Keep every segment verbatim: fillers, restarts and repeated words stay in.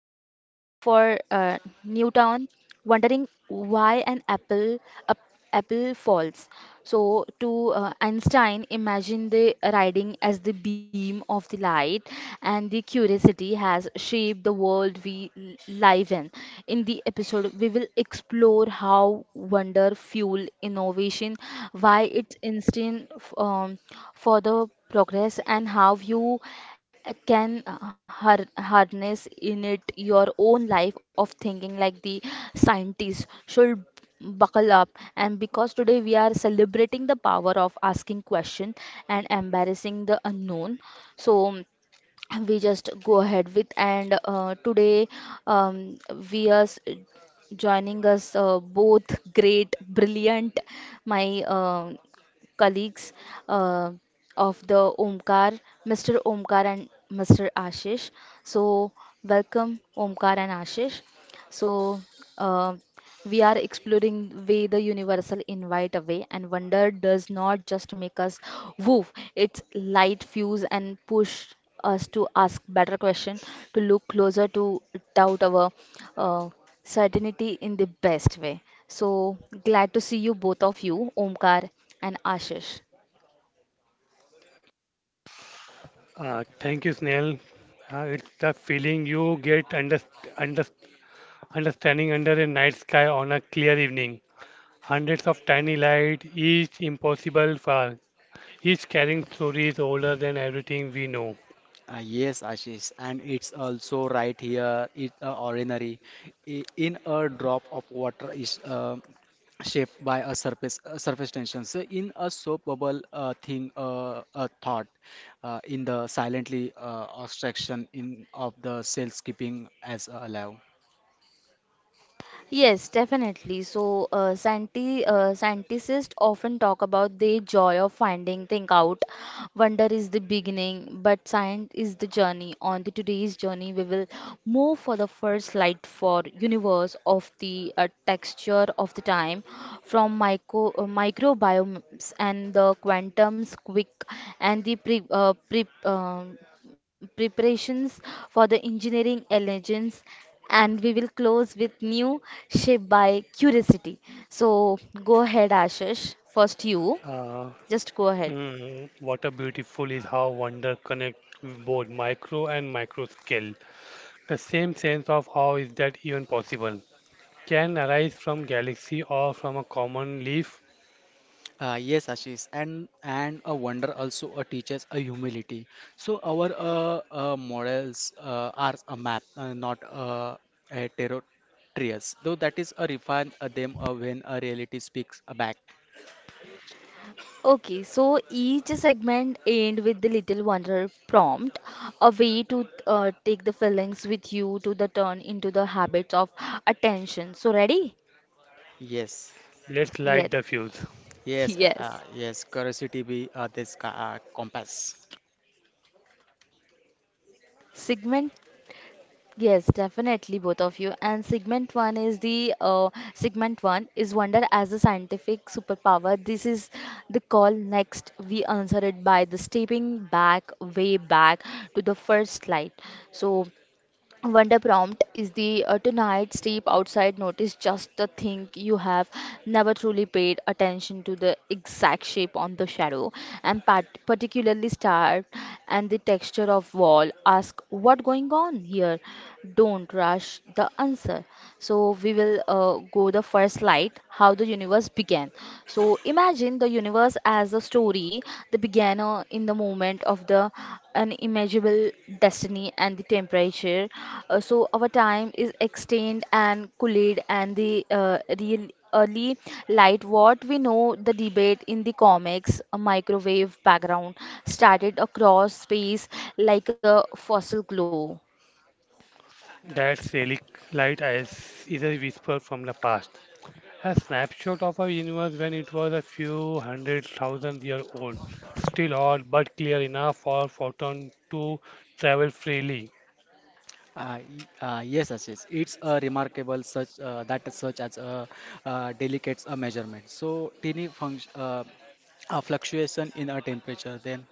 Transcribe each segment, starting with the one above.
for uh, Newton, wondering why an apple, a, apple falls, so, to uh, Einstein, imagine the riding as the beam of the light, and the curiosity has shaped the world we l- live in. In the episode, we will explore how wonder fuel innovation, why it's instant f- um, for the progress, and how you can har- harness in it your own life of thinking like the scientist should buckle up and because today we are celebrating the power of asking question and embarrassing the unknown so we just go ahead with and uh, today um, we are s- joining us uh, both great brilliant my um colleagues uh, of the omkar mr omkar and mr ashish so welcome omkar and ashish so, uh, we are exploring way the universal invite away, and wonder does not just make us woof, it's light fuse and push us to ask better question, to look closer to doubt our uh, certainty in the best way. So, glad to see you both of you, Omkar and Ashish. Uh, thank you, Snail. Uh, it's the feeling you get under, under, understanding under a night sky on a clear evening. Hundreds of tiny lights, each impossible far, each carrying stories older than everything we know. Uh, yes, Ashish, and it's also right here. It's uh, ordinary. I- In a drop of water is uh, shaped by a surface uh, surface tension. So in a soap bubble uh, thing, uh, a thought uh, in the silently uh, abstraction in of the cell skipping as alive. Yes, definitely. So, uh, scienti- uh, scientists often talk about the joy of finding thing out. Wonder is the beginning, but science is the journey. On the today's journey, we will move for the first light for universe of the uh, texture of the time, from micro uh, microbiomes and the quantum's quick and the pre uh, pre um preparations for the engineering allegiance and we will close with new shaped by curiosity. So go ahead, Ashish. First, you Uh, just go ahead. mm, what a beautiful is how wonder connect both micro and micro scale. The same sense of how is that even possible can arise from galaxy or from a common leaf. Uh, yes, Ashish, and and a wonder also uh, teaches a humility. So our uh, uh, models uh, are a map, uh, not uh, a territories. Though that is a refine uh, them uh, when a reality speaks uh, back. Okay, so each segment end with the little wonder prompt, a way to uh, take the feelings with you to the turn into the habits of attention. So ready? Yes, Let's light the Yes, fuse. yes, uh, uh, yes. yes. Curiosity be uh, this ca- uh, compass. Segment Yes, definitely, both of you. And segment one is the uh, segment one is wonder as the scientific superpower. This is the call next. We answer it by the stepping back, way back to the first slide. So Wonder prompt is the uh, tonight step outside notice just the thing you have never truly paid attention to the exact shape on the shadow and pat- particularly star and the texture of wall ask what going on here don't rush the answer so we will uh, go the first slide how the universe began so imagine the universe as a story that began uh, in the moment of the unimaginable destiny and the temperature. Uh, so our time is extended and cooled, and the uh, real early light. What we know, the debate in the comics, a microwave background started across space like a fossil glow. That relic light is, is a whisper from the past, a snapshot of a universe when it was a few hundred thousand years old, still odd but clear enough for photon to travel freely. Uh, y- uh, yes, Ashish. It's a remarkable such uh, that is such as a uh, delicate a measurement. So tiny function uh, a fluctuation in a temperature then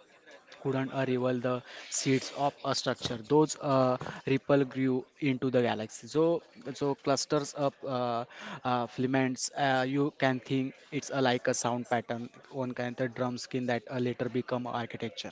couldn't uh, reveal the seeds of a structure. Those uh, ripple grew into the galaxy. So, so clusters of uh, uh, filaments. Uh, you can think it's uh, like a sound pattern. One kind of drum skin that uh, later become architecture.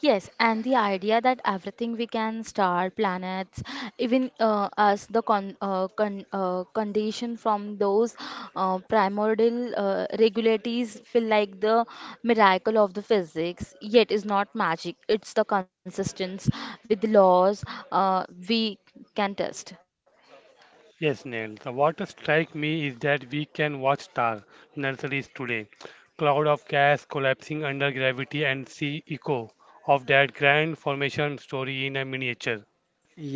Yes, and the idea that everything we can star, planets, even uh, us, the con uh, con uh, condition from those uh, primordial uh, regularities feel like the miracle of the physics, yet is not magic. It's the consistence with the laws uh, we can test. Yes, Neil, the what strike me is that we can watch star nurseries today, cloud of gas collapsing under gravity and see echo of that grand formation story in a miniature.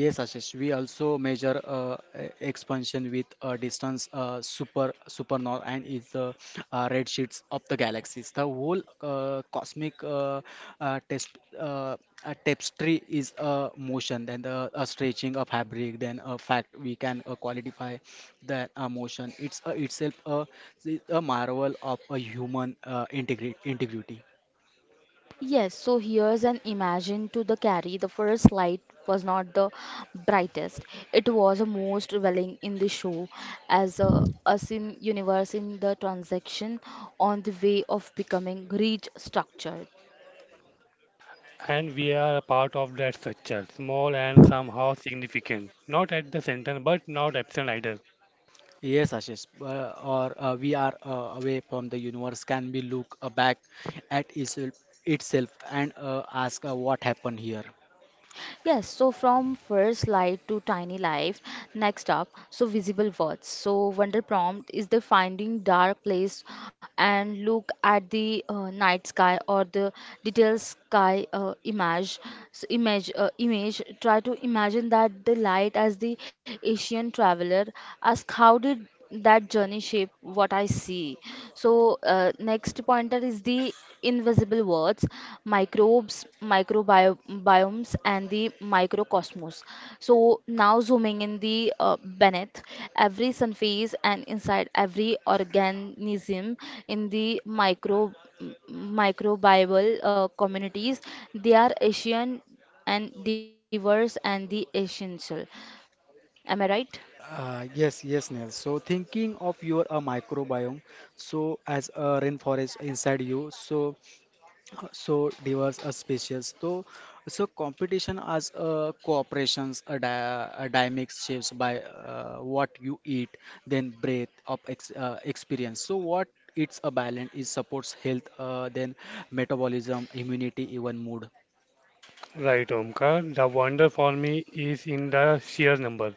Yes, Ashish. We also measure uh, e- expansion with uh, distance, uh, super supernova, and is the uh, red sheets of the galaxies. The whole uh, cosmic uh, uh, test, uh, uh, tapestry is a motion, then the a stretching of fabric, then a fact we can uh, qualify that uh, motion. It's uh, itself a, a marvel of a human uh, integri integrity. Yes, so here's an imagine to the carry. The first light was not the brightest. It was a most revealing in the show as a us in universe in the transaction on the way of becoming rich structure. And we are a part of that structure, small and somehow significant. Not at the center, but not absent either. Yes, Ashish, uh, or uh, we are uh, away from the universe. Can we look uh, back at itself, itself and uh, ask uh, what happened here? Yes, so from first light to tiny life, next up, so visible words. So wonder prompt is the finding dark place and look at the uh, night sky or the detailed sky uh, image. So image, uh, image. Try to imagine that the light as the Asian traveler. Ask how did that journey shape what I see so uh, next pointer is the invisible words microbes microbiomes and the microcosmos so now zooming in the uh, beneath every surface and inside every organism in the micro m- microbial uh, communities they are asian and diverse and the essential am I right. Uh, yes, yes, Neil. So thinking of your uh, microbiome, so as a rainforest inside you, so so diverse a species so so competition as a cooperations a, di- a dynamic shapes by uh, what you eat then breath of ex, uh, experience so what it's a balance is supports health uh, then metabolism immunity even mood. Right, Omkar. The wonder for me is in the sheer number.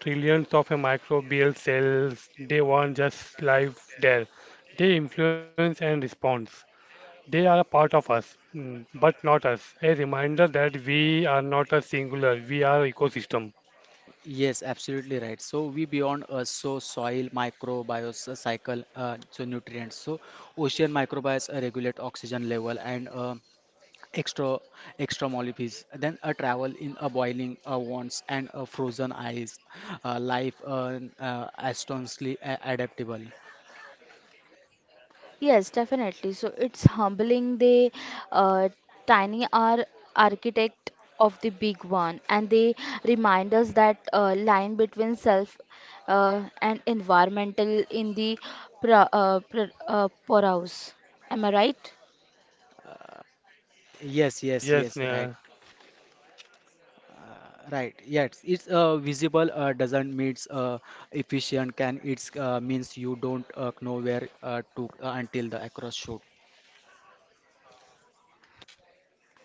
Trillions of microbial cells, they aren't just life there. They influence and respond. They are a part of us, mm, but not us. A reminder that we are not a singular, we are ecosystem. Yes, absolutely right, so we beyond us, so soil microbiota cycle uh, so nutrients, so ocean microbiomes uh, regulate oxygen level and uh, extra extra molecules, then a travel in a boiling uh, wants and a frozen eyes, uh, life uh, uh, astonishingly a- adaptable. Yes, definitely. So it's humbling the uh, tiny are architect of the big one, and they remind us that uh, line between self uh, and environmental in the pra- uh, pra- uh, poorhouse. Am I right? Yes, yes, yes, Yes, right. Neha. Uh, right, yes, it's uh, visible uh, doesn't means uh, efficient, can it's uh, means you don't uh, know where uh, to uh, until the across shoot.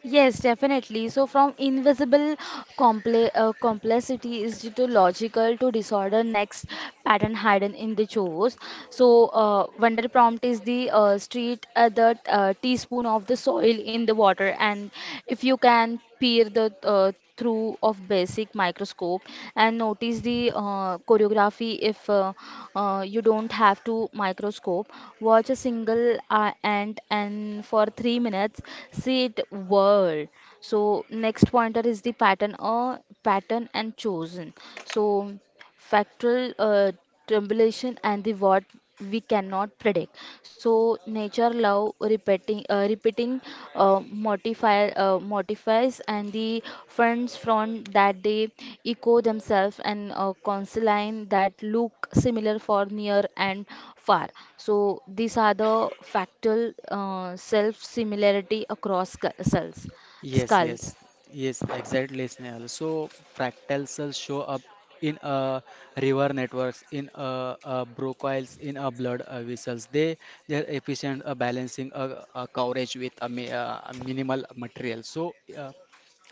Yes, definitely. So, from invisible comple uh, complexity is due to logical to disorder next pattern hidden in the chores. So, uh, Wonder Prompt is the uh, street at the uh, teaspoon of the soil in the water, and if you can peer the uh, through of basic microscope and notice the uh, choreography, if uh, uh, you don't have to microscope, watch a single uh, ant and for three minutes see it whirl. So next pointer is the pattern or pattern and chosen. So factual uh, tribulation and the what we cannot predict so nature love repeating uh, repeating uh, modify, uh, modifies and the friends from that they echo themselves and uh, consign that look similar for near and far so these are the factual uh, self similarity across sc- cells Yes, skulls. yes, yes, exactly, Snehal. So fractals show up in a river networks, in a, a broquiles, in a blood uh, vessels. They they are efficient uh, balancing a, a coverage with a, mi uh, a minimal material. So uh,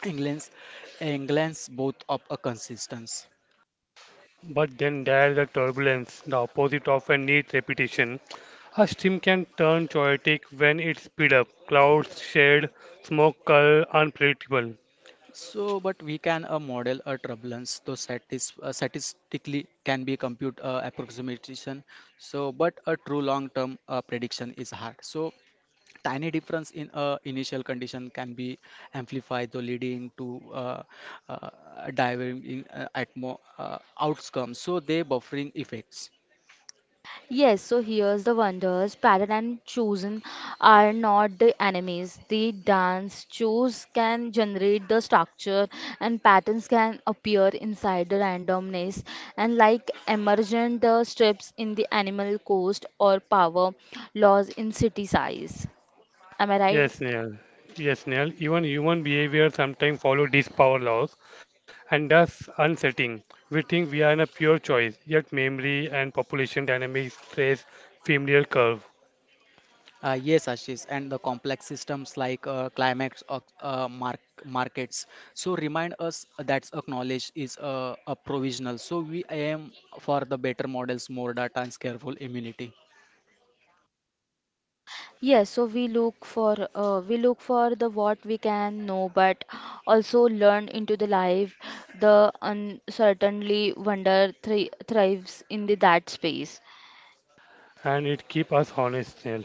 England's England's both of a consistence. But then there's the turbulence, the opposite often needs repetition. A stream can turn chaotic when it's speed up. Clouds, shade, smoke, color, unpredictable. So, but we can uh, model a turbulence, though satis uh, statistically can be compute uh, approximation. So, but a true long-term uh, prediction is hard. So, tiny difference in a initial condition can be amplified, so leading to uh, uh, diverging uh, atmo- uh, outcomes, so they buffering effects. Yes, so here's the wonders. Pattern and chosen are not the enemies. The dance. Choose can generate the structure, and patterns can appear inside the randomness. And like emergent the strips in the animal coast or power laws in city size. Am I right? Yes, Neil. Yes, Neil. Even human behavior sometimes follow these power laws, and thus unsettling. We think we are in a pure choice, yet memory and population dynamics trace familiar curve, uh, Yes, Ashish, and the complex systems like uh, climate or uh, mark- markets, so remind us that a knowledge is uh, a provisional, so we aim for the better models, more data and careful immunity. Yes, so we look for uh, we look for the what we can know, but also learn into the life. The uncertainly wonder thri thrives in the that space. and it keep us honest, Neil.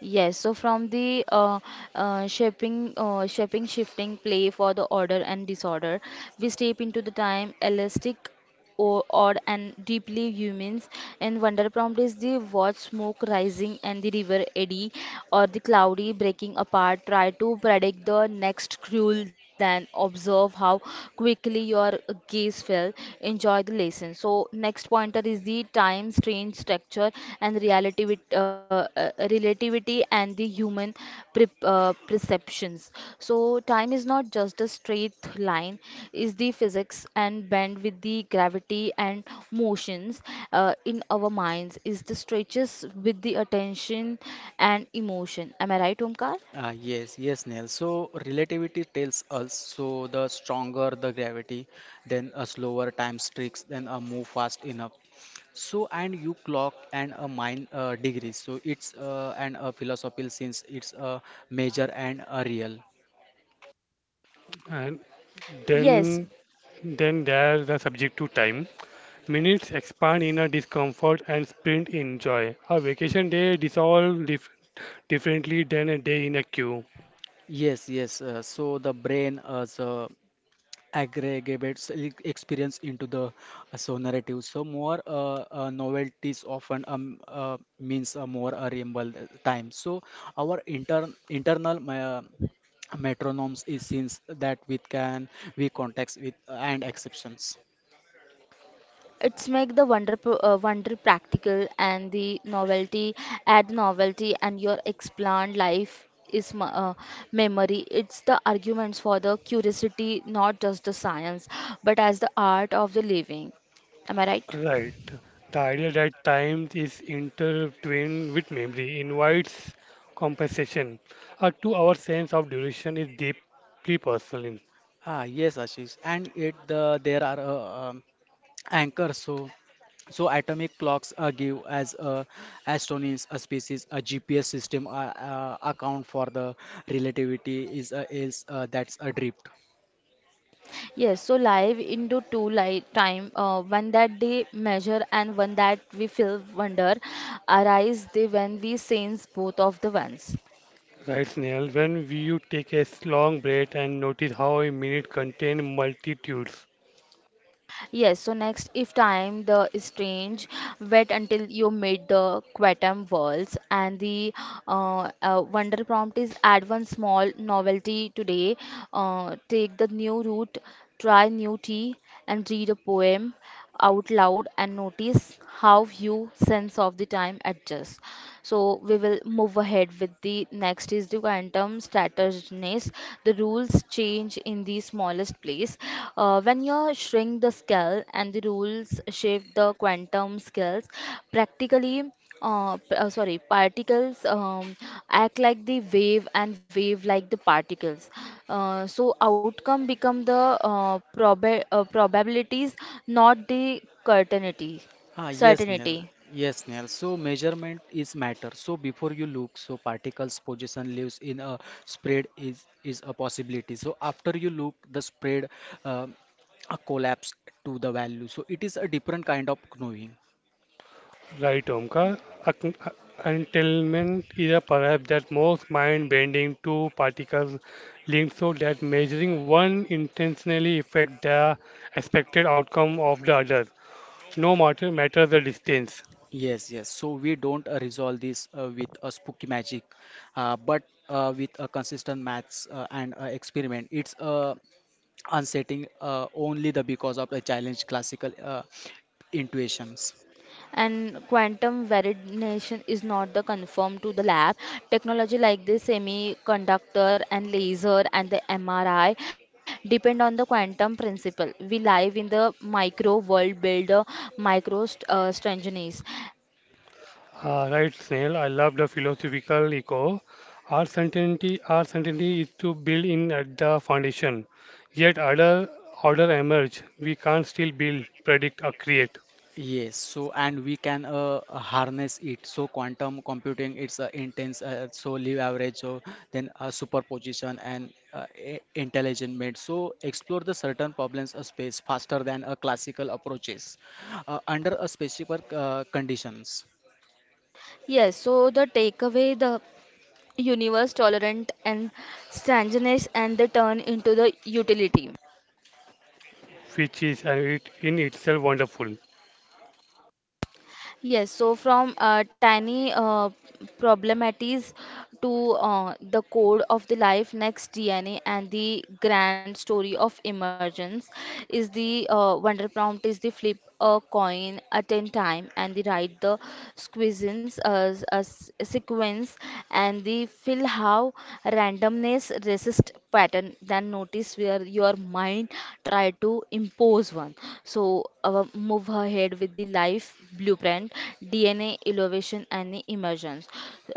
Yes, so from the uh, uh, shaping, uh, shaping, shifting play for the order and disorder, we step into the time elastic or odd and deeply humans. And wonder prompt is the watch smoke rising and the river eddy or the cloudy breaking apart. Try to predict the next cruel, then observe how quickly your gaze fell enjoy the lesson. So next pointer is the time, strange structure, and reality with uh, uh, relativity and the human pre- uh, perceptions. So time is not just a straight line; is the physics and bend with the gravity and motions uh, in our minds. Is the stretches with the attention and emotion. Am I right, Omkar? Ah, yes, yes, Neil. So relativity tells us, so the stronger the gravity, then a slower time streaks, then a move fast enough. So and you clock and a mind uh, degrees. So it's uh, and a philosophical since it's a major and a real. And then, Yes, then there's the subject to time. Minutes expand in a discomfort and sprint in joy. A vacation day dissolves dif- differently than a day in a queue. Yes, yes. Uh, so the brain as uh, aggregates e- experience into the uh, so narrative, so more uh, uh, novelties often um, uh, means a more uh, reasonable time, so our intern internal uh, metronomes is since that we can we context with uh, and exceptions. it's make the wonder pro- uh, wonder practical and the novelty add novelty and your expand life is m- uh, memory. It's the arguments for the curiosity, not just the science, but as the art of the living. Am I right? Right. The idea that time is intertwined with memory invites compensation. A two-hour sense of duration is deeply personal. Ah, yes, Ashish, and it the there are uh, um, anchors, so so atomic clocks uh, give as a astronomy a species a G P S system uh, uh, account for the relativity is a is uh, that's a drift. Yes, so live into two light time, uh, one that they measure and one that we feel wonder, arise they when we sense both of the ones. Right, Snail, when you take a long breath and notice how a minute contains multitudes. Yes, so next, if time the strange, wait until you meet the quantum worlds and the uh, uh, wonder prompt is add one small novelty today. Uh, take the new route, try new tea, and read a poem out loud and notice how you sense of the time adjusts. So we will move ahead with the next is the quantum straightness. The rules change in the smallest place. Uh, when you shrink the scale and the rules shift the quantum scales, practically uh, p- uh, sorry, particles um, act like the wave and wave like the particles. Uh, so outcome become the uh, proba uh, probabilities, not the certainty. Ah, yes, Neil. Certainty. Yes, Neil. So measurement is matter. So before you look, so particles position lives in a spread is is a possibility. So after you look, the spread um, a collapse to the value. So it is a different kind of knowing. Right, Omkar. Ac- Entanglement is a perhaps that most mind-bending two particles linked so that measuring one intentionally affects the expected outcome of the other, no matter matter the distance. Yes, yes. So we don't uh, resolve this uh, with a spooky magic, uh, but uh, with a consistent maths uh, and uh, experiment. It's uh, unsettling uh, only the because of the challenge classical uh, intuitions. And quantum variation is not the confirmed to the lab. Technology like the semiconductor and laser and the M R I depend on the quantum principle. We live in the micro world build a micro st- uh, strangeness. Ah, right, Snail. I love the philosophical echo. Our certainty, our certainty is to build in at the foundation. Yet other order emerge. We can't still build, predict, or create, Yes, so and we can uh, uh, harness it. So quantum computing, it's uh, intense. Uh, so live average, so then uh, superposition and uh, i- intelligent made. So explore the certain problems a space faster than a classical approaches uh, under a specific uh, conditions. Yes, so the takeaway the universe tolerant and strangeness and the turn into the utility. which is and it in itself wonderful. Yes, so from uh, tiny uh, problematics to uh, the code of the life next D N A and the grand story of emergence is the uh, wonder prompt is the flip a coin at ten time and the write the squeezins uh, s- uh, s- sequence and the fill how randomness resist pattern than notice where your mind try to impose one so uh, move ahead with the life blueprint dna elevation and emergence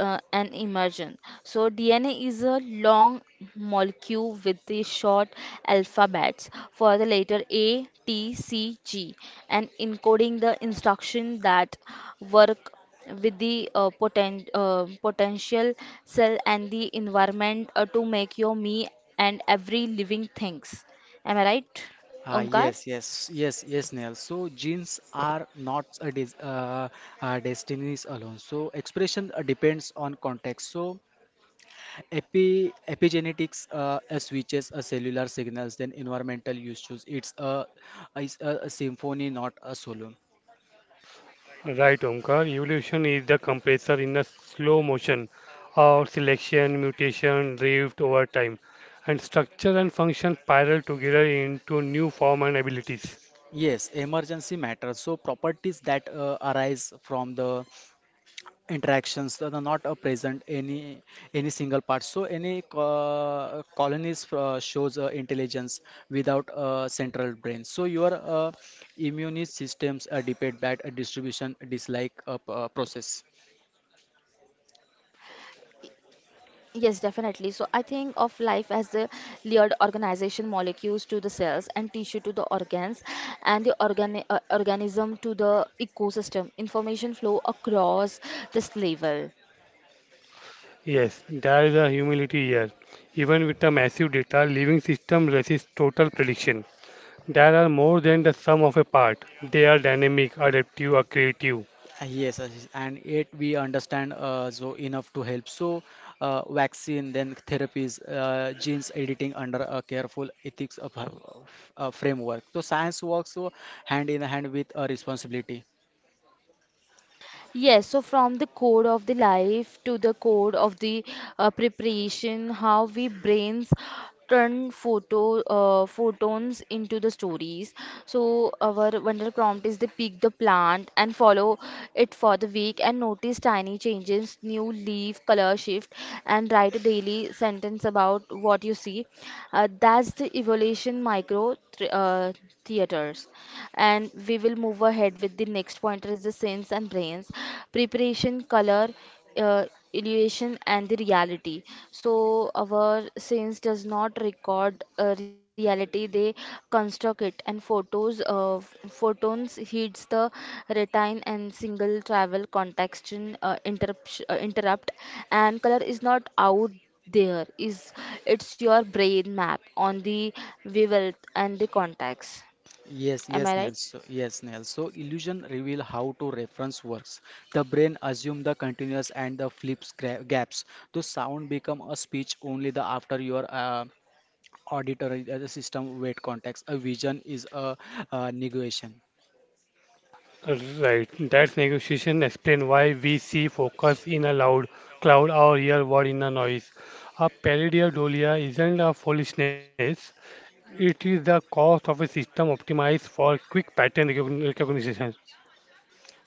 uh, and emergence so dna is a long molecule with the short alphabets for the letter a t c g and encoding the instruction that work with the uh, poten- uh, potential cell and the environment uh, to make your me and every living things. Am I right, Ah, Omkar? yes, yes, yes, yes, Neil. So genes are not a dis uh, uh, destinies alone. So expression uh, depends on context. So Epi, epigenetics uh, uh, switches uh, cellular signals, then environmental issues, it's a, it's a, a symphony not a solo. Right, Omkar. Evolution is the compressor in a slow motion of selection, mutation, drift over time, and structure and function spiral together into new form and abilities. Yes, emergency matters, so properties that uh, arise from the interactions that are not uh, present any any single part, so any co- colonies uh, shows uh, intelligence without a central brain, so your uh, immune systems uh, depend that uh, distribution dislike uh, p- uh, process. Yes, definitely. So I think of life as the layered organization, molecules to the cells and tissue to the organs, and the organi uh, organism to the ecosystem. Information flow across this level. Yes, there is a humility here. Even with the massive data, living system resists total prediction. There are more than the sum of a part. They are dynamic, adaptive, or creative. Uh, Yes, Ashish, and it we understand uh, so enough to help. So, uh, vaccine, then therapies, uh, genes editing under a careful ethics of, uh, f- uh, framework. So science works so hand in hand with a responsibility. Yes, so from the code of the life to the code of the uh, preparation, how we brains turn photo uh, photons into the stories. So our wonder prompt is to pick the plant and follow it for the week and notice tiny changes, new leaf color shift, and write a daily sentence about what you see. Uh, that's the evolution micro th- uh, theaters, and we will move ahead ahead with the next pointer is the sense and brains, preparation, color, uh, illusion, and the reality. So our sense does not record uh, reality; they construct it. And photos, uh, photons hits the retina and single travel context uh, interrupt, uh, interrupt. And color is not out there is it's your brain map on the wavelength and the contacts, Yes, am yes, I Nels. right? So, yes, Nels. So illusion reveal how to reference works. The brain assume the continuous and the flips gra- gaps. The sound become a speech only the after your uh, auditory uh, system weight context. A vision is a uh, negation. Right, that's negotiation explain why we see focus in a loud cloud or real word in a noise. A pareidolia isn't a foolishness, it is the cost of a system optimized for quick pattern recogni- recognition.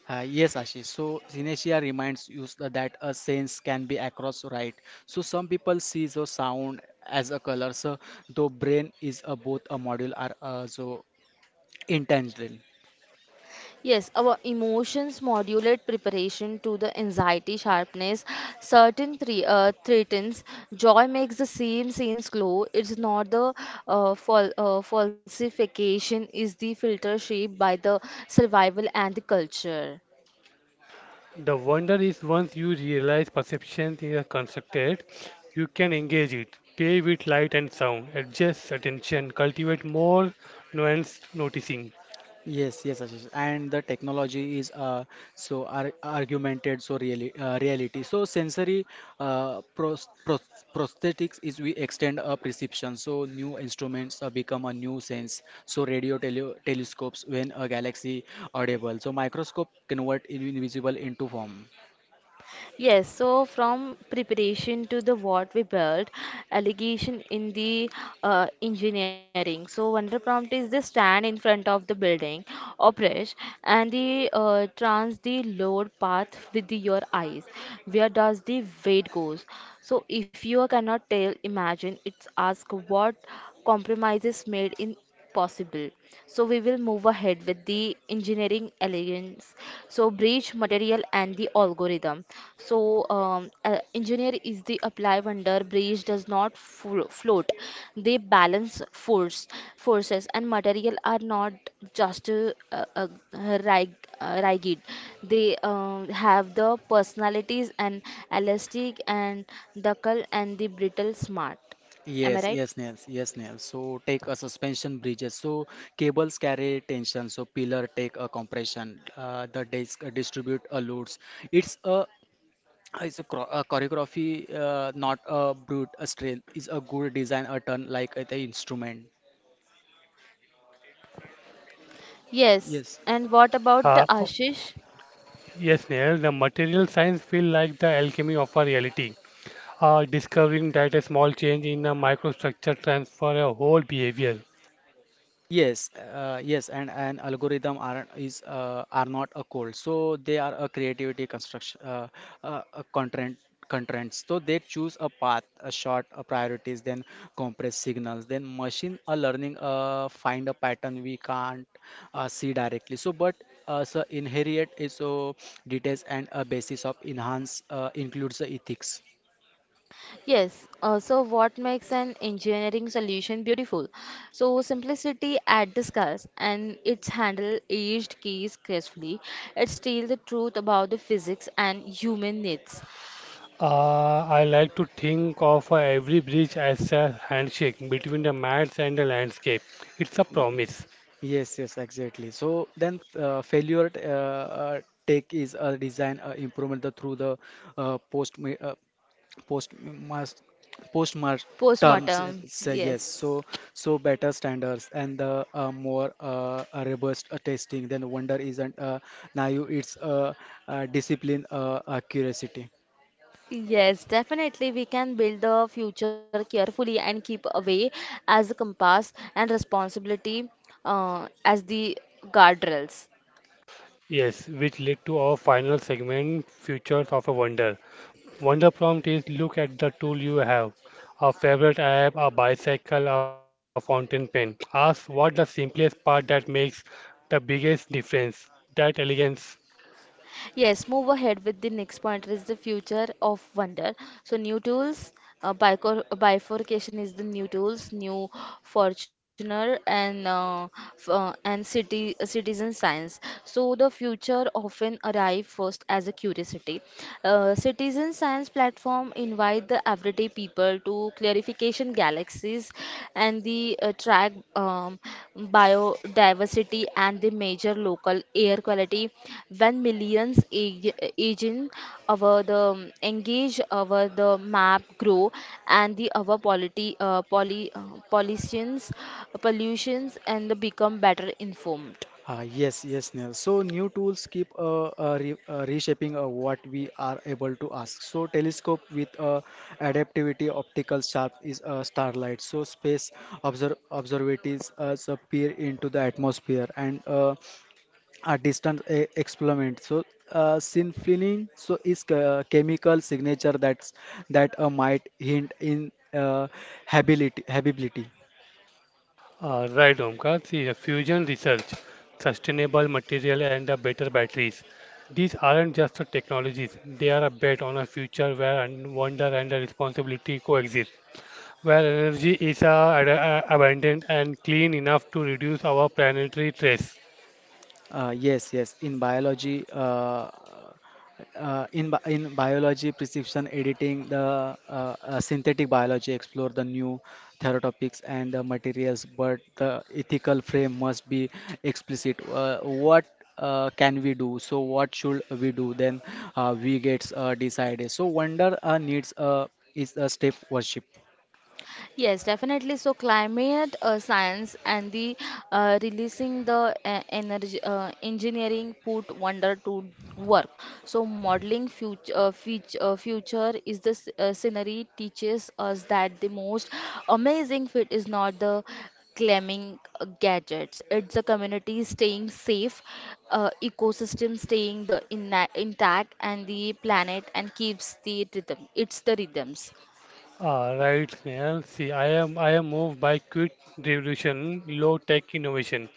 Uh, yes, Ashish. So synesthesia reminds us that a sense can be across right. So some people see the sound as a color. So the brain is a, both a module are uh, so intangible. Yes, our emotions modulate preparation to the anxiety sharpness. Certain three uh, threatens joy makes the same scenes glow. It's not the uh, fal- uh, falsification is the filter shaped by the survival and the culture. The wonder is once you realize perception is constructed, you can engage it, play with light and sound, adjust attention, cultivate more nuanced noticing. Yes, yes, Ashish. And the technology is uh, so ar argumented, so really uh, reality. So sensory uh, pros pros prosthetics is we extend a perception. So new instruments uh, become a new sense. So radio tele telescopes when a galaxy audible. So microscope convert invisible into form. Yes, so from preparation to the what we built, allegation in the uh, engineering. So one of the prompt is the stand in front of the building, operate, and the uh, trans the load path with the, your eyes. Where does the weight goes? So if you cannot tell, imagine. It's ask what compromises made in possible. So we will move ahead with the engineering elegance. So bridge material and the algorithm. So um, uh, engineer is the apply wonder bridge which does not flo- float. They balance force forces and material are not just uh, uh, rig- uh, rigid. They uh, have the personalities and elastic and ductile and the brittle smart. Am I Yes, right? Yes, Nels, yes, Nels. So take a suspension bridges. So cables carry tension. So pillar take a compression. Uh, the disc distribute a loads. It's a Uh, It's a, cro- a choreography, uh, not a brute a skill. It's a good design, a turn like uh, the instrument. Yes. Yes, And what about the Uh, o- Ashish? yes, Neil, the material science feel like the alchemy of our reality. Uh, discovering that a small change in a microstructure transforms a whole behavior. Yes, uh, yes, and an algorithm are is uh, are not a code, so they are a creativity construction, uh, uh, a content constraints. So they choose a path, a short a priorities, then compress signals. Then machine are learning uh, find a pattern we can't uh, see directly. So, but uh, so inherit is so details and a basis of enhance uh, includes the ethics. Yes, uh, so what makes an engineering solution beautiful? So simplicity at the scales and its handle aged keys gracefully. It tells the truth about the physics and human needs. Uh, I like to think of uh, every bridge as a handshake between the mats and the landscape. It's a promise. Yes, yes, exactly. So then, uh, failure uh, uh, take is a design uh, improvement the, through the uh, post ma- uh, post mas post terms. uh, Postmortem, Say yes. yes. So so better standards and the uh, more uh, uh, robust uh, testing. Then wonder isn't uh, naive. It's uh, uh, discipline, uh, uh, curiosity. Yes, definitely we can build the future carefully and keep away as the compass and responsibility uh, as the guardrails. Yes, which led to our final segment, Futures of a Wonder. Wonder prompt is look at the tool you have. A favorite app, a bicycle, a fountain pen. Ask what the simplest part that makes the biggest difference. That elegance. Yes, move ahead with the next point is the future of wonder. So new tools, uh, bico- bifurcation is the new tools, new Fortuner and uh, f- uh, and city uh, citizen science. So the future often arrive first as a curiosity. Uh, citizen science platform invite the everyday people to clearly clarification galaxies and the uh, track um, biodiversity and the major local air quality when millions age, aging our the um, engage our the map grow and the our polity uh, poly uh, pollutions, pollutions and the become better informed. Uh, yes, yes, Neil. So new tools keep uh, uh, re uh, reshaping uh, what we are able to ask. So telescope with uh, adaptivity optical sharp is uh, starlight. So space observ observatories uh, peer into the atmosphere and uh, a distant e experiment. So uh, synfilling so is a chemical signature that's that uh, might hint in uh, habili- habitability. Uh, right, Omkar. See, uh, fusion research, sustainable material, and uh, better batteries. These aren't just the technologies, they are a bet on a future where un- wonder and uh, responsibility coexist, where energy is uh, ad- uh, abundant and clean enough to reduce our planetary stress. Uh, yes, yes. In biology, uh, uh, in bi- in biology, precision editing, the uh, uh, synthetic biology explore the new therapeutics and the materials, but the ethical frame must be explicit. Uh, what uh, can we do? So what should we do? Then uh, we gets uh, decided. So wonder uh, needs uh, is a step worship. Yes, definitely. So climate uh, science and the uh, releasing the uh, energy uh, engineering put wonder to work. So modeling future uh, future, uh, future is the s- uh, scenery teaches us that the most amazing fit is not the claiming uh, gadgets. It's a community staying safe, uh, ecosystem staying the inna intact, and the planet and keeps the rhythm. It's the rhythms. Ah, right, Snehal. See, I am I am moved by quick revolution, low tech innovation,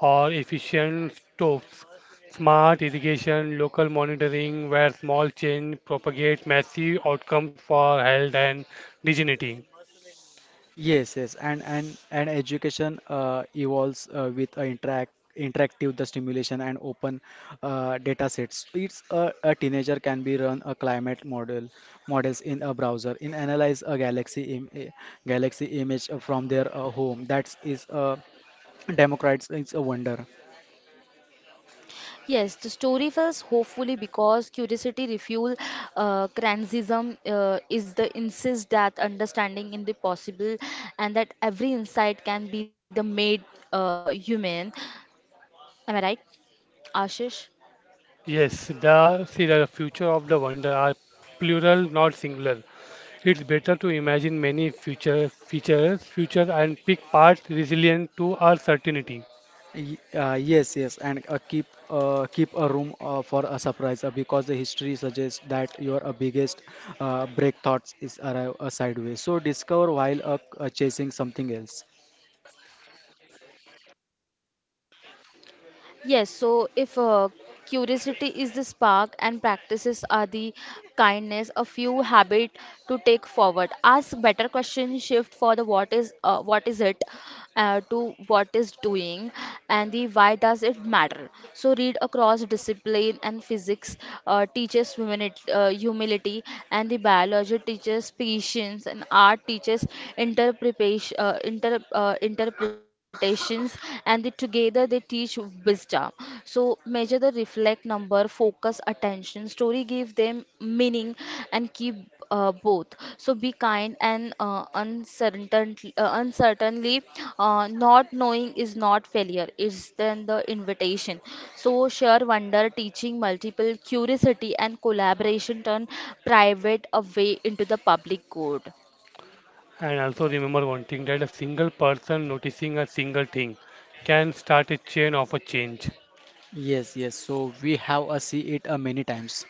or efficient stoves, smart irrigation, local monitoring, where small change propagate massive outcomes for health and dignity. Yes, yes, and and and education uh, evolves uh, with uh, interact interactive the stimulation and open uh, data sets. It's a, a teenager can be run a climate model models in a browser, in analyze a galaxy Im a galaxy image from their uh, home. That is uh, democrats. It's a wonder. Yes, the story feels hopefully because curiosity refuel uh, criticism uh, is the insist that understanding in the possible and that every insight can be the made uh, human. Am I right, Ashish? Yes, the see the future of the wonder are plural, not singular. It's better to imagine many future features, future and pick parts resilient to our certainty. Y- uh, yes, yes, and uh, keep uh, keep a room uh, for a surprise uh, because the history suggests that your uh, biggest uh, break thoughts is arrive uh, sideways. So discover while uh, uh, chasing something else. Yes, so if uh, curiosity is the spark and practices are the kindness, a few habit to take forward. Ask better questions, shift for the what is uh, what is it uh, to what is doing and the why does it matter. So read across discipline and physics uh, teaches humanity, uh, humility and the biology teaches patience and art teaches interpretation inter, uh, interpretations and the, together they teach wisdom. So measure the reflect number focus attention story give them meaning and keep uh, both. So be kind and uh, uncertain uh, uncertainly, uh, not knowing is not failure, it's then the invitation. So share wonder teaching multiple curiosity and collaboration turn private away into the public good. And also remember one thing that a single person noticing a single thing can start a chain of a change. Yes, yes. So we have uh, see it uh, many times.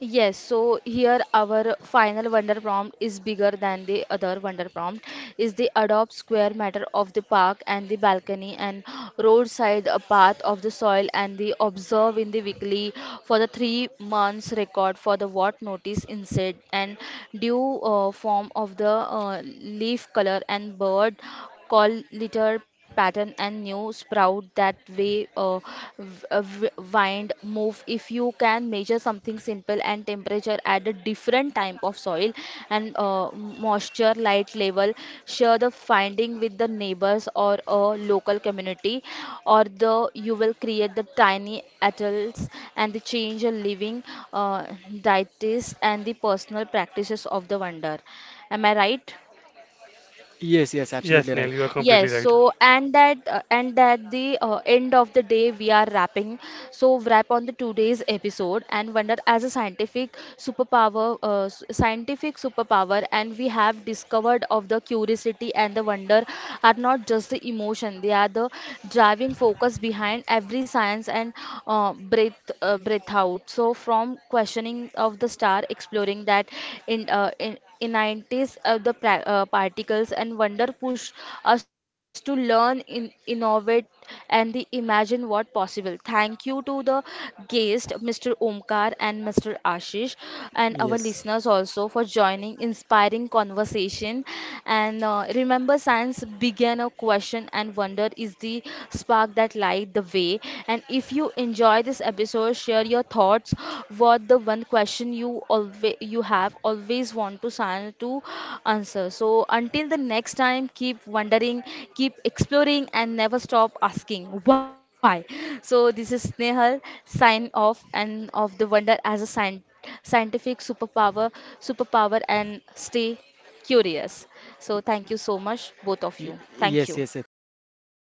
Yes, so here our final wonder prompt is bigger than the other wonder prompt is the adopt square matter of the park and the balcony and roadside a path of the soil and the observe in the weekly for the three months record for the what notice insect and due uh, form of the uh, leaf color and bird call litter pattern and new sprout out that way uh, v- uh, w- wind move if you can measure something simple and temperature at a different type of soil and uh, moisture light level, share the finding with the neighbors or a local community or the you will create the tiny atolls and the change a living uh, dietist and the personal practices of the wonder, am I right? Yes, yes, Yes, absolutely Neil, right. you are completely Yes, right. so and that uh, and at the uh, end of the day we are wrapping. So wrap on the today's episode and wonder as a scientific superpower, uh, s- scientific superpower, and we have discovered of the curiosity and the wonder are not just the emotion; they are the driving focus behind every science and uh, breath uh, breath out. So from questioning of the star, exploring that in, uh, in in nineties of the pra- uh, particles and wonder push us to learn in, innovate and the imagine what possible. Thank you to the guest Mr. Omkar and Mr. Ashish, and our Yes, listeners also for joining inspiring conversation, and uh, remember science began a question and wonder is the spark that light the way. And if you enjoy this episode, share your thoughts. What the one question you always you have always want to sign to answer. So until the next time, keep wondering, keep exploring, and never stop asking why. So this is Snehal sign off and of the wonder as a sign scientific superpower superpower and stay curious. So thank you so much, both of Y- you. Thank yes, you. yes. uh, Thank you, thank.